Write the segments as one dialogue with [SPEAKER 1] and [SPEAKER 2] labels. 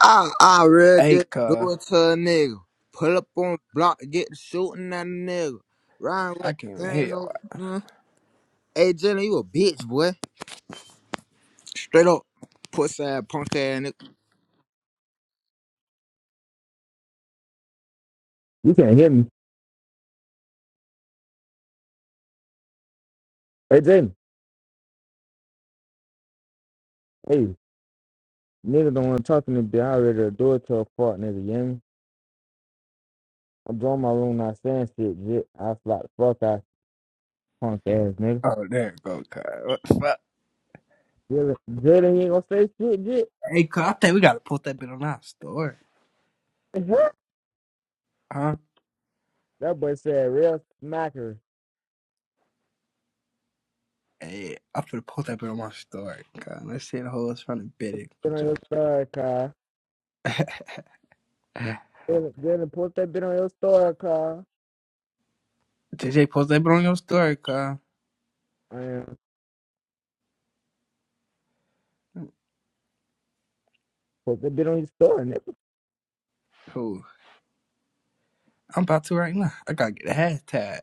[SPEAKER 1] I I read
[SPEAKER 2] Hey,
[SPEAKER 1] this, do
[SPEAKER 2] cuz.
[SPEAKER 1] it to a nigga. Pull up on block, get the shooting at a nigga. Ryan
[SPEAKER 2] I
[SPEAKER 1] with
[SPEAKER 2] can't even
[SPEAKER 1] the
[SPEAKER 2] hear
[SPEAKER 1] gang
[SPEAKER 2] you. all
[SPEAKER 1] no mm. Hey Jalen, you a bitch, boy. Straight up pussy ass punk ass nigga. You can't hear me. Hey, Jaden. Hey, nigga don't want to talk to me, bitch. I ready to do it to a fuck, nigga. You hear me? I'm drawing my room, not saying shit, jit. I slap the fuck out you, punk ass, nigga.
[SPEAKER 2] Oh, there it go, cuz. What the fuck?
[SPEAKER 1] Jalen, Jalen, he ain't gonna say shit, jit.
[SPEAKER 2] Hey, cuz, I think we gotta post that bit on our story. Huh?
[SPEAKER 1] that boy said real smacker.
[SPEAKER 2] Hey, I'm finna post that bit on my story, cuz. Let's see the hoes trying to bid it.
[SPEAKER 1] Get on your third, car. Jalen, Jalen, post that bit on your story, Carl.
[SPEAKER 2] JJ, post that bit on your story, cuz.
[SPEAKER 1] I am. Post that bit on your story, nigga.
[SPEAKER 2] Who? I'm about to right now. I gotta get a hashtag.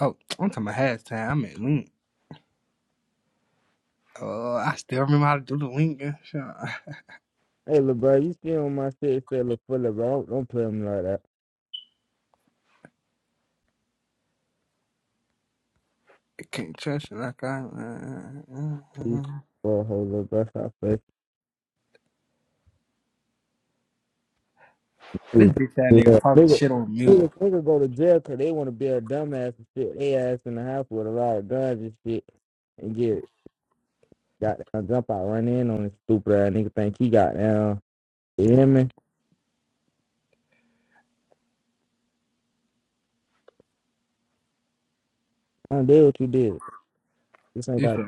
[SPEAKER 2] Oh, I'm talking about hashtag. I mean link. Oh, I still remember how to do the link and shit. I
[SPEAKER 1] Hey, look, bro, you see on my shit, say, look, full of, bro. Don't, don't play him like that.
[SPEAKER 2] can't trust you like I. uh, uh, uh,
[SPEAKER 1] He's
[SPEAKER 2] uh.
[SPEAKER 1] for a whole little bust out face. Yeah,
[SPEAKER 2] This bitch that nigga
[SPEAKER 1] nigga.
[SPEAKER 2] talking shit on mute.
[SPEAKER 1] Nigga, nigga go to jail 'cause they want to be a dumbass and shit. They ass in the house with a lot of guns and shit and get got down, jump out, run in on this stupid ass nigga. Think he got down. You hear me? I don't deal with what you did. This ain't
[SPEAKER 2] You
[SPEAKER 1] got.
[SPEAKER 2] feel me?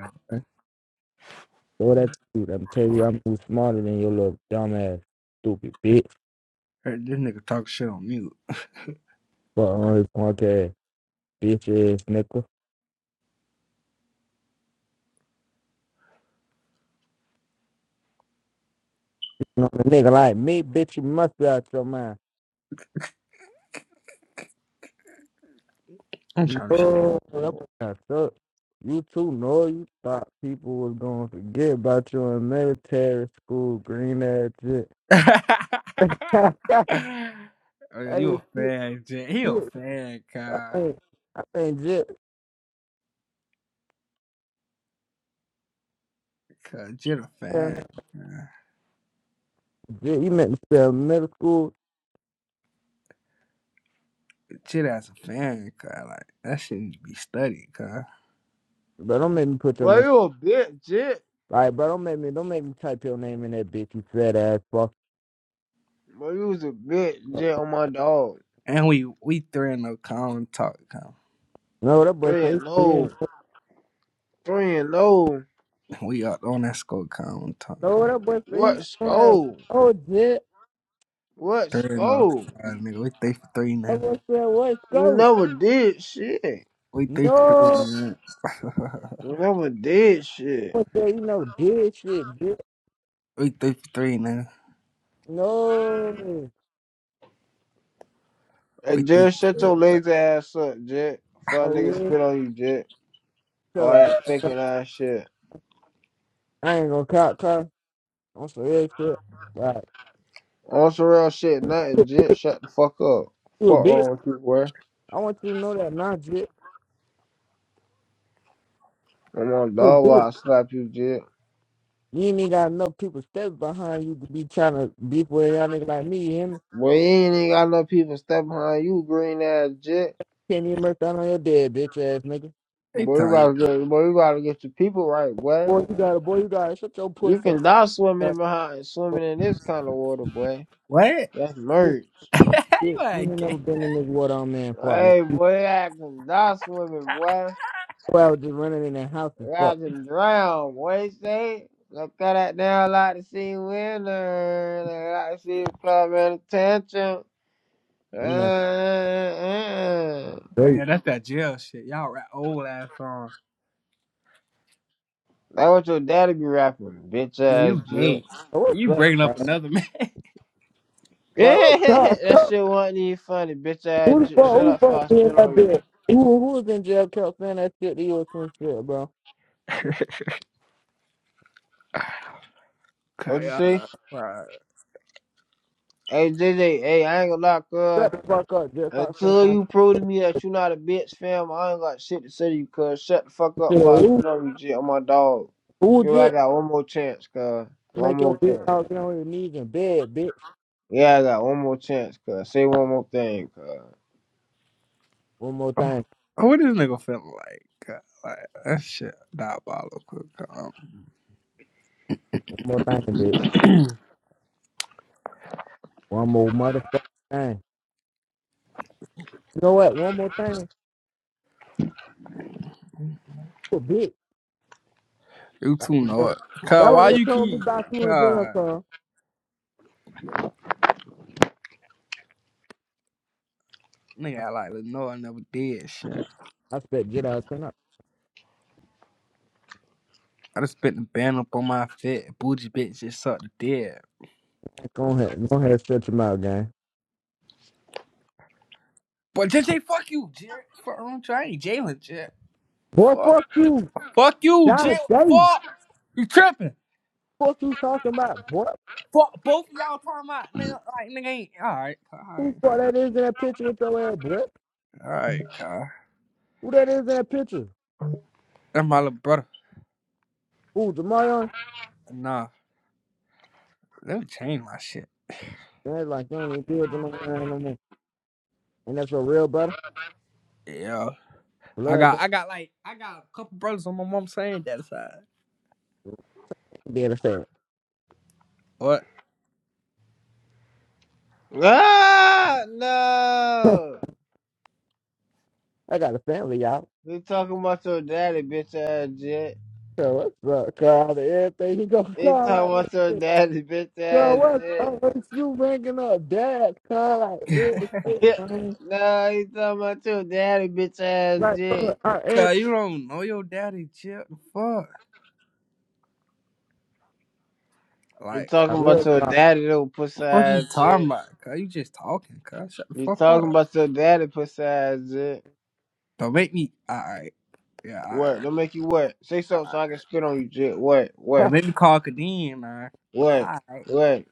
[SPEAKER 1] Throw that suit. I'm telling you, I'm too smarter than your little dumb ass, stupid bitch.
[SPEAKER 2] Hey, this nigga talk shit on mute.
[SPEAKER 1] But on his punk ass, bitch ass nigga. You know, a nigga like me, bitch, you must be out your mind.
[SPEAKER 2] I'm trying to shoot.
[SPEAKER 1] No, that boy got You too know you thought people was gonna forget about you in military school, green ass shit.
[SPEAKER 2] oh,
[SPEAKER 1] hey,
[SPEAKER 2] yeah, you a
[SPEAKER 1] shit,
[SPEAKER 2] fan, Jen. He a
[SPEAKER 1] shit.
[SPEAKER 2] fan,
[SPEAKER 1] I
[SPEAKER 2] cuz.
[SPEAKER 1] think, I think, shit,
[SPEAKER 2] Cuz Jen a fan.
[SPEAKER 1] man, shit, you meant to spell middle school,
[SPEAKER 2] Jen as a fan, cuz. Like, that shit need to be studied, cuz.
[SPEAKER 1] but don't make me put your
[SPEAKER 3] Boy,
[SPEAKER 1] name.
[SPEAKER 3] you a bitch, Jet.
[SPEAKER 1] All right, bro, don't make me don't make me type your name in that bitch, you fat ass fuck.
[SPEAKER 3] Boy, you was a bitch, Jet, on my dog.
[SPEAKER 2] And we we 3 and no common talk, cuz.
[SPEAKER 1] You know what that boy
[SPEAKER 3] Three
[SPEAKER 1] say
[SPEAKER 3] and
[SPEAKER 1] he's three
[SPEAKER 3] no.
[SPEAKER 1] and four.
[SPEAKER 3] Three and no.
[SPEAKER 2] We up on that score common talk,
[SPEAKER 1] No, what
[SPEAKER 2] cuz.
[SPEAKER 1] that boy say he
[SPEAKER 3] What
[SPEAKER 1] don't on that.
[SPEAKER 3] score?
[SPEAKER 1] Oh, did
[SPEAKER 3] What
[SPEAKER 2] 3 and no,
[SPEAKER 3] score?
[SPEAKER 2] uh, nigga. We 3 for 3
[SPEAKER 1] that
[SPEAKER 2] now.
[SPEAKER 1] boy said what's
[SPEAKER 3] You
[SPEAKER 1] go?
[SPEAKER 3] never did shit.
[SPEAKER 2] We 3 for 3
[SPEAKER 1] No,
[SPEAKER 2] now.
[SPEAKER 3] You never did
[SPEAKER 1] That
[SPEAKER 3] shit.
[SPEAKER 1] boy said you know did shit, did
[SPEAKER 2] we 3 for 3 now.
[SPEAKER 1] no.
[SPEAKER 3] Hey,
[SPEAKER 2] We 3
[SPEAKER 3] Jet, shut
[SPEAKER 2] for 3.
[SPEAKER 3] your lazy ass up, Jet. Fuck
[SPEAKER 1] Oh
[SPEAKER 3] nigga
[SPEAKER 1] yeah,
[SPEAKER 3] spit on you, Jet. All
[SPEAKER 1] cause
[SPEAKER 3] that faking ass shit.
[SPEAKER 1] I ain't gonna cop car. I'm so real shit. Right,
[SPEAKER 3] On some real shit, nothing, Jet. Shut the fuck up.
[SPEAKER 1] you a
[SPEAKER 3] Fuck
[SPEAKER 1] bitch.
[SPEAKER 3] wrong with you, boy.
[SPEAKER 1] I want you to know that nah, shit.
[SPEAKER 3] I'm on
[SPEAKER 1] You a
[SPEAKER 3] dog
[SPEAKER 1] bitch.
[SPEAKER 3] while I slap you, Jet.
[SPEAKER 1] You ain't even got enough people steps behind you to be trying to beef with y'all nigga like me. You hear me?
[SPEAKER 3] Boy, you ain't even got no people step behind you, green ass, Jet.
[SPEAKER 1] Can't even murk down on your dead bitch ass nigga.
[SPEAKER 2] They
[SPEAKER 3] Boy, we
[SPEAKER 2] tell you,
[SPEAKER 3] gotta get, boy, we gotta get the people right, boy.
[SPEAKER 1] Boy, you got it. Boy, you got it. Shut your
[SPEAKER 3] You
[SPEAKER 1] puss ass.
[SPEAKER 3] can die swimming
[SPEAKER 1] up.
[SPEAKER 3] in behind, swimming in this kind of water, boy.
[SPEAKER 2] what?
[SPEAKER 3] That's
[SPEAKER 1] This
[SPEAKER 3] merge.
[SPEAKER 2] How
[SPEAKER 1] shit.
[SPEAKER 2] you
[SPEAKER 1] You ain't
[SPEAKER 2] like?
[SPEAKER 1] never been in this water on man fuck. nigga.
[SPEAKER 3] Hey, boy, I can die swimming, boy.
[SPEAKER 1] You I was just running in that house and
[SPEAKER 3] I
[SPEAKER 1] fuck.
[SPEAKER 3] can drown, boy. Say, look at that down like to see winner, like to see coming attention. Uh,
[SPEAKER 1] That man
[SPEAKER 3] uh, uh.
[SPEAKER 2] Oh,
[SPEAKER 1] straight.
[SPEAKER 2] yeah, that's that jail shit. Y'all rap old ass songs.
[SPEAKER 3] That what your daddy be rapping, bitch
[SPEAKER 2] Yeah,
[SPEAKER 3] ass
[SPEAKER 2] you gay.
[SPEAKER 3] jit.
[SPEAKER 1] Oh, what's
[SPEAKER 2] You
[SPEAKER 1] up,
[SPEAKER 2] bringing up
[SPEAKER 1] guys?
[SPEAKER 2] another man.
[SPEAKER 1] Like, what's up? What's
[SPEAKER 3] that
[SPEAKER 1] up?
[SPEAKER 3] shit wasn't even funny, bitch ass
[SPEAKER 1] Who the
[SPEAKER 3] jit.
[SPEAKER 1] fuck?
[SPEAKER 3] Shut
[SPEAKER 1] Who the
[SPEAKER 3] up, before I
[SPEAKER 1] fuck be in
[SPEAKER 3] spit
[SPEAKER 1] that
[SPEAKER 3] on you.
[SPEAKER 1] bitch? Who, who was in jail kept saying that shit to you or some shit, bro?
[SPEAKER 2] okay,
[SPEAKER 3] What you
[SPEAKER 2] y'all
[SPEAKER 3] say?
[SPEAKER 2] like, right.
[SPEAKER 3] Hey J J, hey, I ain't gonna lie,
[SPEAKER 1] Shut
[SPEAKER 3] cuz.
[SPEAKER 1] the fuck up. Just stop saying
[SPEAKER 3] Until
[SPEAKER 1] my name.
[SPEAKER 3] you prove to me that you not a bitch, fam, I ain't got shit to say to you, cuz. Shut the fuck up
[SPEAKER 1] Shit.
[SPEAKER 3] before I
[SPEAKER 1] Who,
[SPEAKER 3] spit on you, J. I'm my dog.
[SPEAKER 1] who
[SPEAKER 3] You know, I
[SPEAKER 1] just
[SPEAKER 3] got one more chance, cuz. One
[SPEAKER 1] make your
[SPEAKER 3] more
[SPEAKER 1] bitch
[SPEAKER 3] chance.
[SPEAKER 1] out there on your knees in bed, bitch?
[SPEAKER 3] Yeah, I got one more chance, cuz. Say one more thing, cuz.
[SPEAKER 1] One more
[SPEAKER 2] Oh,
[SPEAKER 1] thing.
[SPEAKER 2] What this nigga feeling like? God, Like that shit diabolical. Um,
[SPEAKER 1] One more thing, bitch. One more motherfucking thing. You know what? One more thing. Bitch.
[SPEAKER 2] you
[SPEAKER 1] That's
[SPEAKER 2] two know it. Cause
[SPEAKER 1] what
[SPEAKER 2] why
[SPEAKER 1] they
[SPEAKER 2] you
[SPEAKER 1] told me
[SPEAKER 2] keep
[SPEAKER 1] back when we did jail
[SPEAKER 2] cause
[SPEAKER 1] for. I,
[SPEAKER 2] nigga I like Lenore I never did shit.
[SPEAKER 1] I said, get out. Son. I-
[SPEAKER 2] I just spent the band up on my fit. Bougie bitch just sucked the dead.
[SPEAKER 1] Go ahead. Go ahead. and Shut your mouth, gang.
[SPEAKER 2] But J J, fuck you, Jared. Fuck wrong with you. I ain't Jalen, J.
[SPEAKER 1] Boy,
[SPEAKER 2] Fuck.
[SPEAKER 1] fuck you.
[SPEAKER 2] Fuck you, Jit.
[SPEAKER 1] John Day.
[SPEAKER 2] Fuck. You tripping.
[SPEAKER 1] Fuck you talking about, boy.
[SPEAKER 2] Fuck. Both of y'all talking about nigga, like nigga ain't. Alright, alright.
[SPEAKER 1] Who fuck that is in that picture with your ass, boy?
[SPEAKER 2] Alright, Kyle.
[SPEAKER 1] Who that is in that picture?
[SPEAKER 2] That's my little brother.
[SPEAKER 1] Who, Jamarion?
[SPEAKER 2] Nah, let me change my shit.
[SPEAKER 1] That's like, you don't even deal with Jamarion no more. And that's your real brother?
[SPEAKER 2] Yeah. I
[SPEAKER 1] Blood
[SPEAKER 2] got,
[SPEAKER 1] brother?
[SPEAKER 2] I got like, I got a couple brothers on my mom's saying that side.
[SPEAKER 1] Be in the
[SPEAKER 2] What?
[SPEAKER 3] Ah, no!
[SPEAKER 1] I got a family, y'all.
[SPEAKER 3] We talking about your daddy, bitch ass jet.
[SPEAKER 1] So what's up, Carl? Everything you go
[SPEAKER 3] He talking
[SPEAKER 1] call out that
[SPEAKER 3] about
[SPEAKER 1] shit.
[SPEAKER 3] your daddy, bitch
[SPEAKER 1] Yo,
[SPEAKER 3] ass
[SPEAKER 1] what's
[SPEAKER 3] jet.
[SPEAKER 1] the is you bringing up dad? Cause like real shit, man.
[SPEAKER 3] no, he talking about your daddy, bitch ass
[SPEAKER 1] Like, cuz,
[SPEAKER 3] jet.
[SPEAKER 1] I, it,
[SPEAKER 2] Cause you don't know your daddy, Chip. fuck?
[SPEAKER 3] You
[SPEAKER 2] Like,
[SPEAKER 1] I
[SPEAKER 3] talking about
[SPEAKER 1] real
[SPEAKER 3] your
[SPEAKER 1] talk.
[SPEAKER 3] daddy little pussy
[SPEAKER 2] what the fuck you
[SPEAKER 3] ass
[SPEAKER 2] talking
[SPEAKER 3] it.
[SPEAKER 2] about? Cause you just talking, cuz. Shut the
[SPEAKER 3] You
[SPEAKER 2] fuck
[SPEAKER 3] talking
[SPEAKER 2] up.
[SPEAKER 3] about your daddy pussy ass it.
[SPEAKER 2] Don't make me. Alright. Yeah,
[SPEAKER 3] What?
[SPEAKER 2] alright.
[SPEAKER 3] Don't make you what? Say something so
[SPEAKER 2] Alright.
[SPEAKER 3] I can spit on you, jit. What?
[SPEAKER 2] Now
[SPEAKER 3] What?
[SPEAKER 2] make me call Kadeem, man.
[SPEAKER 3] What?
[SPEAKER 2] Alright.
[SPEAKER 3] What?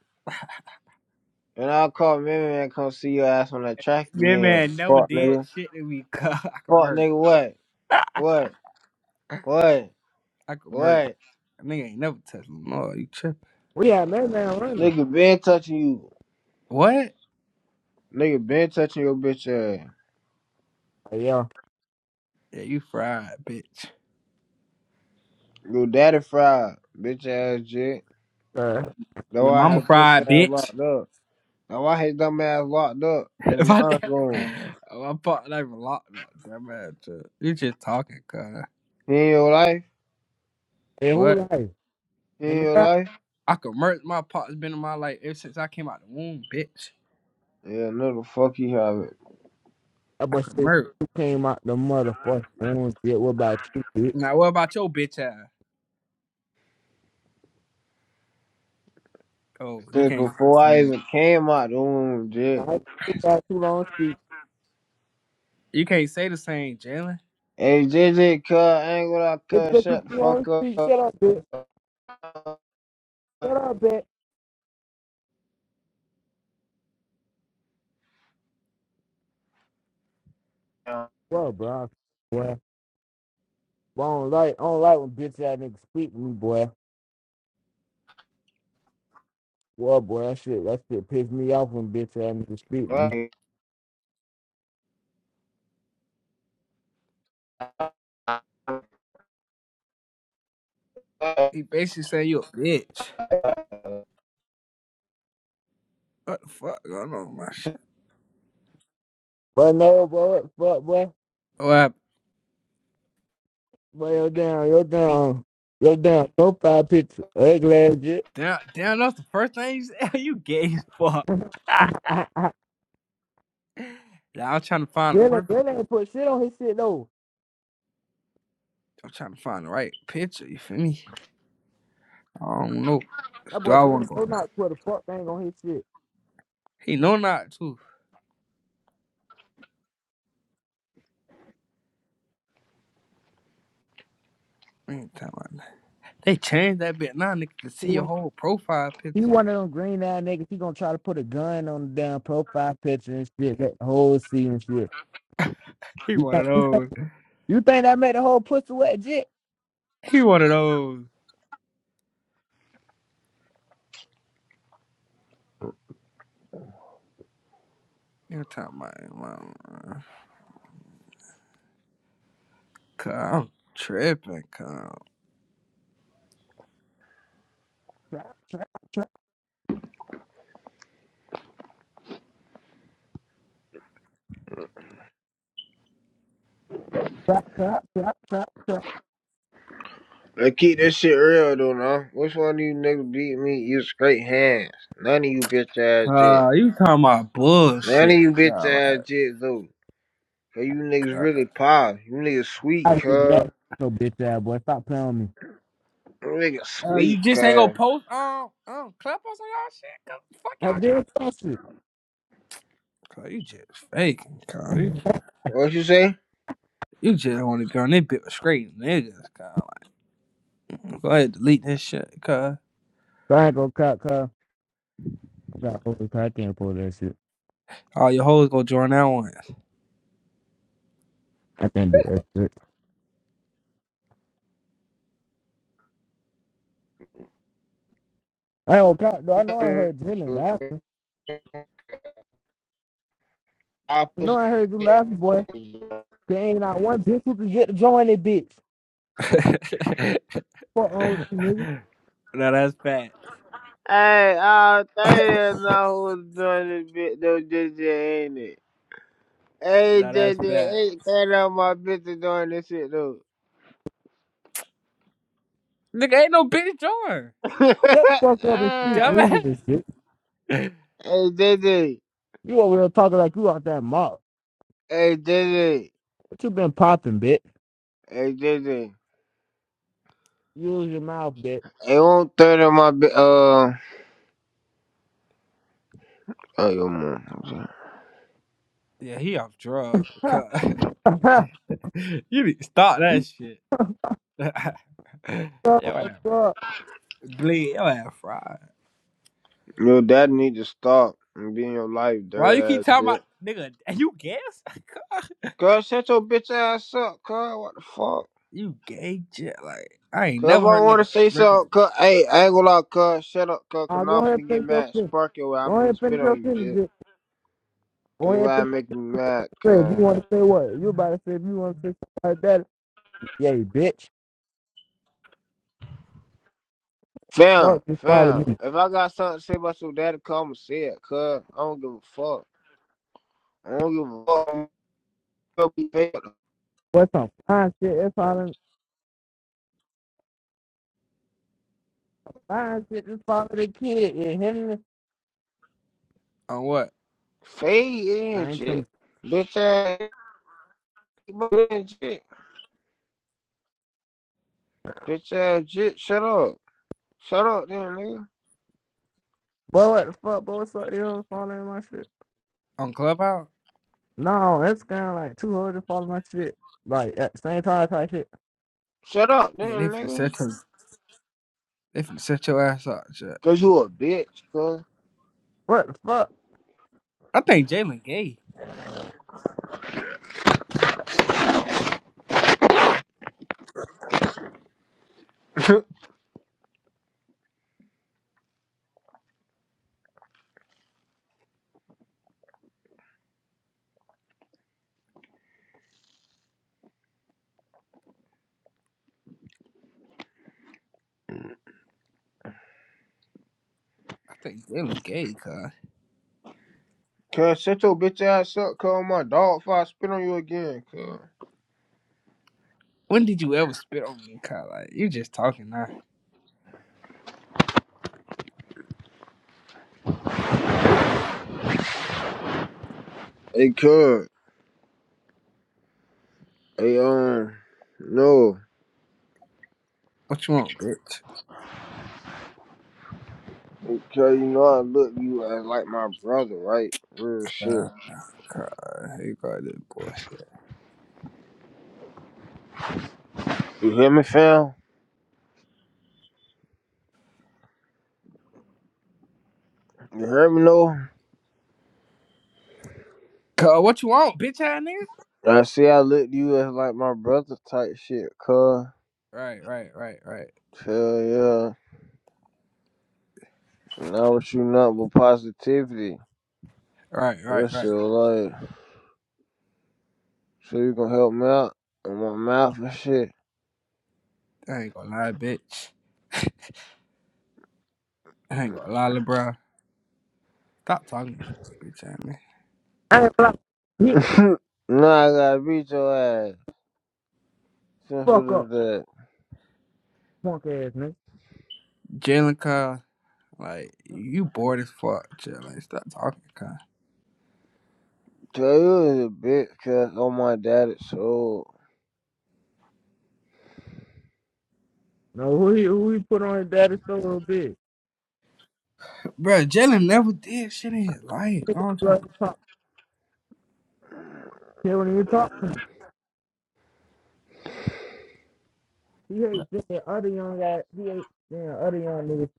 [SPEAKER 3] And I'll call Mimi and come see your ass on that track
[SPEAKER 2] That
[SPEAKER 3] again.
[SPEAKER 2] man never
[SPEAKER 3] Fuck
[SPEAKER 2] did
[SPEAKER 3] nigga.
[SPEAKER 2] shit to me. cuz. I could
[SPEAKER 3] Fuck
[SPEAKER 2] murk.
[SPEAKER 3] nigga what? What? What?
[SPEAKER 2] I could murk.
[SPEAKER 3] What?
[SPEAKER 2] That Nigga ain't never touched me. No, you tripping.
[SPEAKER 1] We had that man running.
[SPEAKER 3] Nigga been touching you.
[SPEAKER 2] What?
[SPEAKER 3] Nigga been touching your bitch ass.
[SPEAKER 1] Like, yo,
[SPEAKER 2] Yeah, you fried, bitch.
[SPEAKER 3] Your daddy fried, bitch ass jit.
[SPEAKER 1] cuz,
[SPEAKER 2] Your
[SPEAKER 3] Though I
[SPEAKER 2] mama
[SPEAKER 3] have pussy
[SPEAKER 2] fried,
[SPEAKER 3] ass
[SPEAKER 2] bitch.
[SPEAKER 3] locked up. Now why his dumb ass locked up? His
[SPEAKER 2] if I
[SPEAKER 3] mind
[SPEAKER 2] did,
[SPEAKER 3] gone.
[SPEAKER 2] my partner even locked up. Damn man, trip. You just talking, cuz.
[SPEAKER 3] He in your life?
[SPEAKER 1] and who
[SPEAKER 2] What?
[SPEAKER 1] like?
[SPEAKER 3] He
[SPEAKER 1] And
[SPEAKER 3] in your
[SPEAKER 1] my
[SPEAKER 3] life?
[SPEAKER 2] I could murk. My partner's been in my life ever since I came out the womb, bitch.
[SPEAKER 3] Yeah, no, the fuck he have it.
[SPEAKER 1] uh,
[SPEAKER 2] I
[SPEAKER 1] but
[SPEAKER 2] could
[SPEAKER 1] shit,
[SPEAKER 2] murk.
[SPEAKER 1] you came out the motherfucking room. Shit, what about you, bitch?
[SPEAKER 2] Now, what about your bitch ass? Oh, you
[SPEAKER 3] Since
[SPEAKER 2] can't say the
[SPEAKER 3] before I
[SPEAKER 2] same.
[SPEAKER 3] even came out the womb, J.
[SPEAKER 1] I took out too long to speak.
[SPEAKER 2] You can't say the same, Jalen.
[SPEAKER 3] Hey, JJ, cuz, I ain't gonna
[SPEAKER 1] It
[SPEAKER 3] cuz,
[SPEAKER 1] took you
[SPEAKER 3] shut the
[SPEAKER 1] too long
[SPEAKER 3] fuck
[SPEAKER 1] to speak.
[SPEAKER 3] up.
[SPEAKER 1] Shut up, bitch. Shut up, bitch. Well, bro, boy, boy, I don't like, I don't like when bitch ass niggas speak to me, boy. Well, boy, that shit, that shit pissed me off when bitch ass niggas speak to me.
[SPEAKER 2] He basically said you a bitch. What the fuck going on, man?
[SPEAKER 1] But no, boy, boy, boy,
[SPEAKER 2] Well,
[SPEAKER 1] boy, you're down, you're down, you're down. Profile picture, ugly ass shit.
[SPEAKER 2] damn, damn, that's the first thing you said. you gay as fuck. now
[SPEAKER 1] Jalen,
[SPEAKER 2] I'm trying to find the perfect.
[SPEAKER 1] Jalen ain't put shit on his shit though.
[SPEAKER 2] I'm trying to find the right picture. You feel me? I don't know.
[SPEAKER 1] That
[SPEAKER 2] Do
[SPEAKER 1] boy
[SPEAKER 2] I want
[SPEAKER 1] Jalen
[SPEAKER 2] to go?
[SPEAKER 1] will not put a fuck thing on his shit.
[SPEAKER 2] He know not too. We ain't talking about that. They changed that bit now. Nigga can
[SPEAKER 1] He
[SPEAKER 2] see your
[SPEAKER 1] one,
[SPEAKER 2] whole profile
[SPEAKER 1] he
[SPEAKER 2] picture.
[SPEAKER 1] one of them green eyed niggas. He gonna try to put a gun on the damn profile picture and shit. That whole scene and shit.
[SPEAKER 2] He
[SPEAKER 1] You
[SPEAKER 2] one
[SPEAKER 1] think
[SPEAKER 2] of those.
[SPEAKER 1] you think that made the whole pussy wet, jit?
[SPEAKER 2] He one of those. You talking about? man, Cause I'm tripping. Cause
[SPEAKER 1] Trap, trap, trap, trap, trap, trap, trap.
[SPEAKER 3] Let's keep this shit real, though, now. Which one of you niggas beat me? You straight hands. None of you bitch ass shit.
[SPEAKER 2] uh, you talking about
[SPEAKER 3] None of
[SPEAKER 2] bullshit?
[SPEAKER 3] you bitch
[SPEAKER 2] Nah,
[SPEAKER 3] ass
[SPEAKER 2] like,
[SPEAKER 3] shit, though. Cause you niggas really pop. You niggas sweet,
[SPEAKER 1] I get
[SPEAKER 3] cuz.
[SPEAKER 1] that. So bitch ass boy, stop playing with me.
[SPEAKER 3] You niggas
[SPEAKER 2] Uh, you
[SPEAKER 3] sweet,
[SPEAKER 2] just ain't gonna
[SPEAKER 3] cuz.
[SPEAKER 2] post um um clip us on y'all shit. Cause fuck y'all.
[SPEAKER 1] I did that shit.
[SPEAKER 2] Cause you just faking. Cause you,
[SPEAKER 3] What you say?
[SPEAKER 2] you just want to go on that bit with straight niggas. Cause like, go ahead delete this shit. Cause
[SPEAKER 1] So I ain't gonna cop, cuz. got over goddamn pull that shit.
[SPEAKER 2] all your hoes gonna join that one.
[SPEAKER 1] I can't do that shit. I don't count, though. I know I heard Dylan laughing?
[SPEAKER 3] I
[SPEAKER 1] I know
[SPEAKER 3] posted
[SPEAKER 1] I heard you
[SPEAKER 3] it.
[SPEAKER 1] laughing, boy. There ain't not one bitch who can get to join it, bitch. Fuck all with you, nigga.
[SPEAKER 2] Now that's bad.
[SPEAKER 3] Hey, all three of us know who's doing this bit though this shit, ain't it? Hey,
[SPEAKER 2] Now
[SPEAKER 3] J
[SPEAKER 2] that's
[SPEAKER 3] J,
[SPEAKER 2] bad.
[SPEAKER 3] ain't three of my bitches doing this shit though.
[SPEAKER 2] Nigga ain't no bitch join.
[SPEAKER 1] Shut the fuck up and speak. nigga. This give
[SPEAKER 2] Dumbass.
[SPEAKER 1] shit.
[SPEAKER 3] hey, J J,
[SPEAKER 1] You over there talking like you out that mouth.
[SPEAKER 3] hey, J J,
[SPEAKER 1] What you been popping, bitch?
[SPEAKER 3] hey, J J,
[SPEAKER 1] Use your mouth, bitch.
[SPEAKER 3] it won't third of my bi- uh. Oh, yo, mom.
[SPEAKER 2] yeah, he off drugs. Cause
[SPEAKER 1] fuck,
[SPEAKER 2] you need to stop that shit. Yo ass
[SPEAKER 1] fuck.
[SPEAKER 2] bleed. Yo ass fried.
[SPEAKER 3] Your dad need to stop and be in your life,
[SPEAKER 2] Why you
[SPEAKER 3] dirty
[SPEAKER 2] keep
[SPEAKER 3] ass
[SPEAKER 2] talking about
[SPEAKER 3] bitch.
[SPEAKER 2] nigga? And you guess?
[SPEAKER 3] Girl, shut your bitch ass up, girl. What the fuck?
[SPEAKER 2] you gay shit. Like I ain't
[SPEAKER 3] Cause
[SPEAKER 2] never
[SPEAKER 3] if I
[SPEAKER 2] heard
[SPEAKER 3] want to
[SPEAKER 2] nigga
[SPEAKER 3] say
[SPEAKER 2] break up
[SPEAKER 3] something,
[SPEAKER 2] with me.
[SPEAKER 3] cause, hey, I ain't gonna lie, cuz, shut up, cuz, cause
[SPEAKER 1] I'll
[SPEAKER 3] I'm
[SPEAKER 1] go ahead and
[SPEAKER 3] finna get
[SPEAKER 1] finish your
[SPEAKER 3] mad.
[SPEAKER 1] sentence.
[SPEAKER 3] Spark your way, I'm
[SPEAKER 1] Go ahead
[SPEAKER 3] finna
[SPEAKER 1] and
[SPEAKER 3] spit
[SPEAKER 1] finish
[SPEAKER 3] on
[SPEAKER 1] your
[SPEAKER 3] you,
[SPEAKER 1] sentence,
[SPEAKER 3] dude.
[SPEAKER 1] bitch.
[SPEAKER 3] Cause
[SPEAKER 1] Go
[SPEAKER 3] you
[SPEAKER 1] ahead and
[SPEAKER 3] why
[SPEAKER 1] finish
[SPEAKER 3] make me mad,
[SPEAKER 1] your sentence. You
[SPEAKER 3] cuz.
[SPEAKER 1] want to say what? You about to say if you want to say something like that. Yay, bitch.
[SPEAKER 3] Fam,
[SPEAKER 1] Fuck, just follow me.
[SPEAKER 3] fam, if I got something to say about your daddy, cuz, I'ma say it, cuz. I don't give a fuck. I don't give a fuck. I'm gonna be fade
[SPEAKER 1] What's some fine shit? It's falling fine shit. Just follow the kid and him. me.
[SPEAKER 2] On what?
[SPEAKER 3] fade
[SPEAKER 1] I
[SPEAKER 3] in,
[SPEAKER 1] ain't come.
[SPEAKER 3] shit. Bitch ass, bitch ass, shit. Bitch ass, shit, shut up. Shut up, then, nigga.
[SPEAKER 1] Boy, what the fuck, boy? What's up? You know, following my shit.
[SPEAKER 2] On Clubhouse?
[SPEAKER 1] No, it's kind of like two hoes just follow my shit. Like at the same time, type shit.
[SPEAKER 3] Shut up, then,
[SPEAKER 2] Yeah, they finna
[SPEAKER 3] nigga.
[SPEAKER 2] set your they finna set your ass up. Shit.
[SPEAKER 3] Cause you a bitch, cuz.
[SPEAKER 1] What the fuck?
[SPEAKER 2] I think Jalen gay. I think Jalen gay. Cause
[SPEAKER 3] Cuz, shut your bitch ass up, cuz. My dog if I spit on you again, cuz.
[SPEAKER 2] when did you ever spit on me? Cause like you just talking now.
[SPEAKER 3] Hey, cuz. Hey, um, no.
[SPEAKER 2] What you want, bitch?
[SPEAKER 3] Hey, cuz, you know I look you as like my brother, right? Real shit.
[SPEAKER 2] Nah, Cause you got this bullshit.
[SPEAKER 3] You hear me, fam? You hear me, no?
[SPEAKER 2] Cause what you want, bitch? ass nigga.
[SPEAKER 3] I see I look you as like my brother type shit, cuz.
[SPEAKER 2] Right, right, right, right,
[SPEAKER 3] Hell yeah. And I was you nothing but positivity.
[SPEAKER 2] right, right,
[SPEAKER 3] That's
[SPEAKER 2] right.
[SPEAKER 3] so like, so you gonna help me out in my mouth and shit.
[SPEAKER 2] I ain't gonna lie, bitch. I ain't gonna lie, LeBron. Stop talking to me, bitch ass man.
[SPEAKER 1] I ain't like hit
[SPEAKER 3] nah, I gotta beat your ass.
[SPEAKER 1] fuck
[SPEAKER 3] Simple
[SPEAKER 1] up,
[SPEAKER 3] as that.
[SPEAKER 1] punk ass nigga.
[SPEAKER 2] Jalen Kyle, like you bored as fuck, Jalen. Stop talking, Kyle.
[SPEAKER 3] Taylor is a bitch ass on my dad's soul.
[SPEAKER 1] No, who he who he put on his daddy so little big.
[SPEAKER 2] Bro, Jalen never did shit in his life.
[SPEAKER 1] Nigga,
[SPEAKER 2] Don't try
[SPEAKER 1] bro, he
[SPEAKER 2] to
[SPEAKER 1] talk. Shit, when he talk, he hate seeing other young guys. He hate seeing other young niggas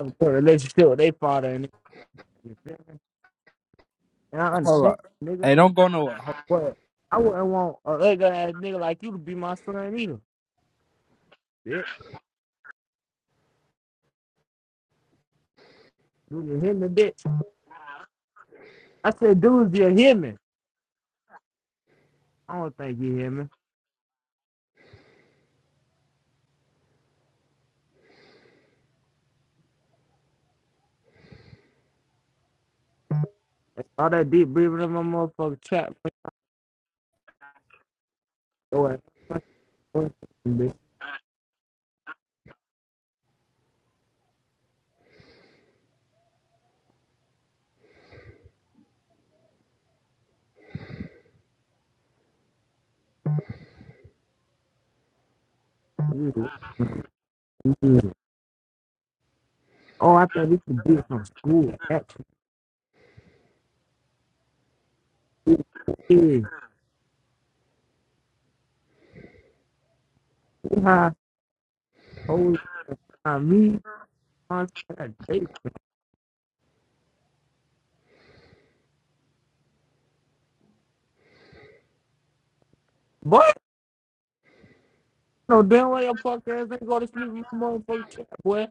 [SPEAKER 1] have a relationship with their father and. nigga. You feel me? And I
[SPEAKER 2] hold
[SPEAKER 1] understand,
[SPEAKER 2] up.
[SPEAKER 1] nigga.
[SPEAKER 2] Hey, don't go nowhere. Hold
[SPEAKER 1] But I wouldn't want a ugly ass nigga like you to be my son either. Bitch, do you hear me, bitch? I said, dude, you hear me? I don't think you hear me. All that deep breathing in my motherfucking trap. Oh, I Mhm. Mhm. Oh, I think this could be from school. Actually, it is. See How old are me? i Boy, no damn way your punk ain't go to sleep in my motherfucking trap, boy.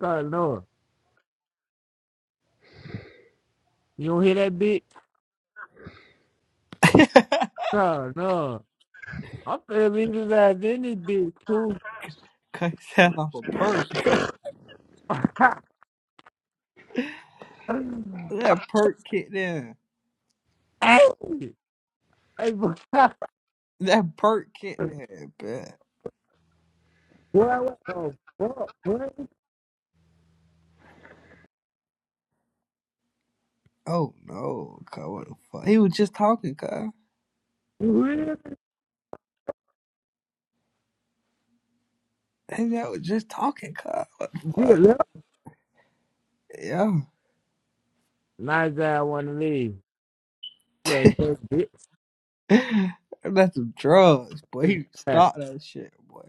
[SPEAKER 1] God, no. You don't hear that bitch? God, no. I'm feeling leave his any in bitch too.
[SPEAKER 2] Cut his ass off a perk. that perk kicked in.
[SPEAKER 1] hey, hey, boy, boy,
[SPEAKER 2] That perk kicked in, but
[SPEAKER 1] what the fuck, boy?
[SPEAKER 2] oh no, cuz what the fuck? He was just talking, cuz.
[SPEAKER 1] You really?
[SPEAKER 2] His ass was just talking, cuz. What the
[SPEAKER 1] Get
[SPEAKER 2] fuck?
[SPEAKER 1] left. Nice ass wanna leave. Look, that bitch
[SPEAKER 2] Yeah. That's some drugs, boy.
[SPEAKER 1] is
[SPEAKER 2] He
[SPEAKER 1] bad.
[SPEAKER 2] stopped that shit, boy.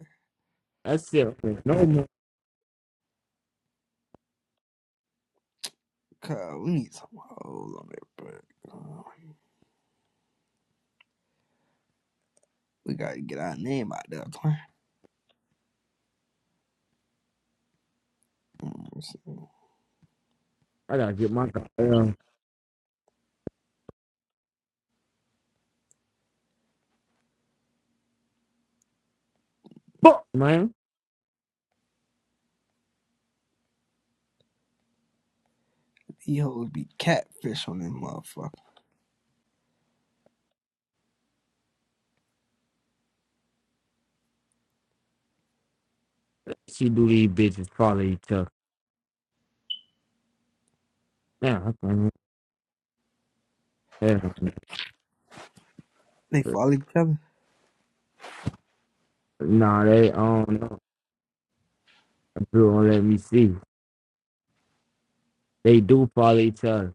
[SPEAKER 1] That's it. No more.
[SPEAKER 2] Cause we need some hoes on there, but uh, we gotta get our name out there, twin. Mm, so
[SPEAKER 1] I gotta get my goddamn fuck, man.
[SPEAKER 2] These hoes be catfish on them motherfucker.
[SPEAKER 1] She do these bitches follow each other. Yeah, yeah.
[SPEAKER 2] They follow each other.
[SPEAKER 1] Nah, they don't know. don't let me see. They do follow each other.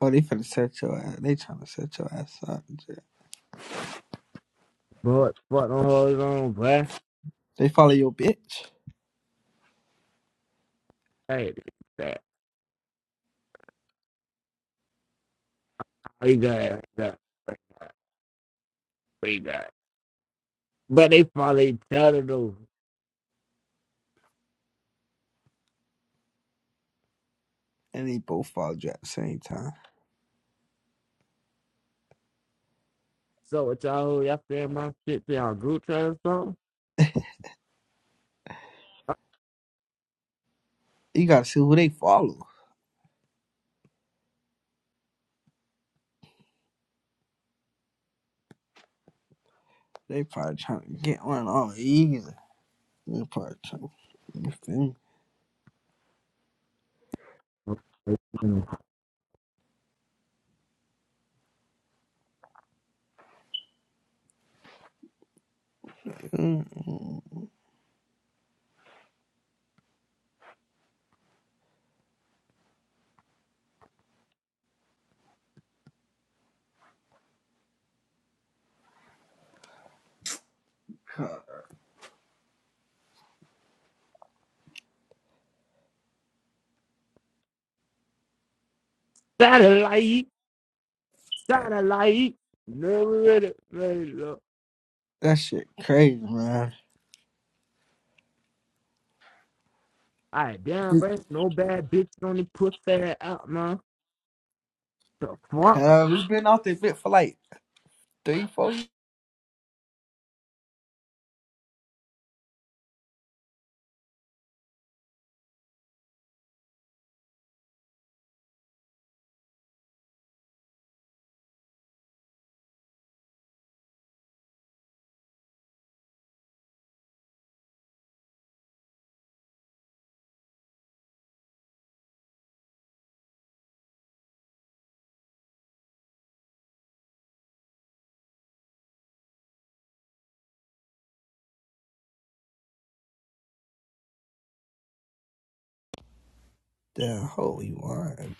[SPEAKER 2] Oh, they finna set your ass. They tryna set your ass up. Jack.
[SPEAKER 1] But fuck them hoes on, boy.
[SPEAKER 2] They follow your bitch,
[SPEAKER 1] Hey, Praise God. God. Praise God. But they probably tattered over.
[SPEAKER 2] and they both follow you at the same time.
[SPEAKER 1] So what y'all y'all feel my shit to y'all group chat or
[SPEAKER 2] You gotta see who they follow. They probably tryna get one on easy. They probably tryna. You feel me?
[SPEAKER 1] something?
[SPEAKER 2] Mm, mm.
[SPEAKER 1] Satellite, satellite, never ready, ready look.
[SPEAKER 2] That shit crazy, man.
[SPEAKER 1] Alright, damn, bro, no bad bitch on the pussy out, man. The fuck?
[SPEAKER 2] Cause we been out there bit for like three, four years. the holy one.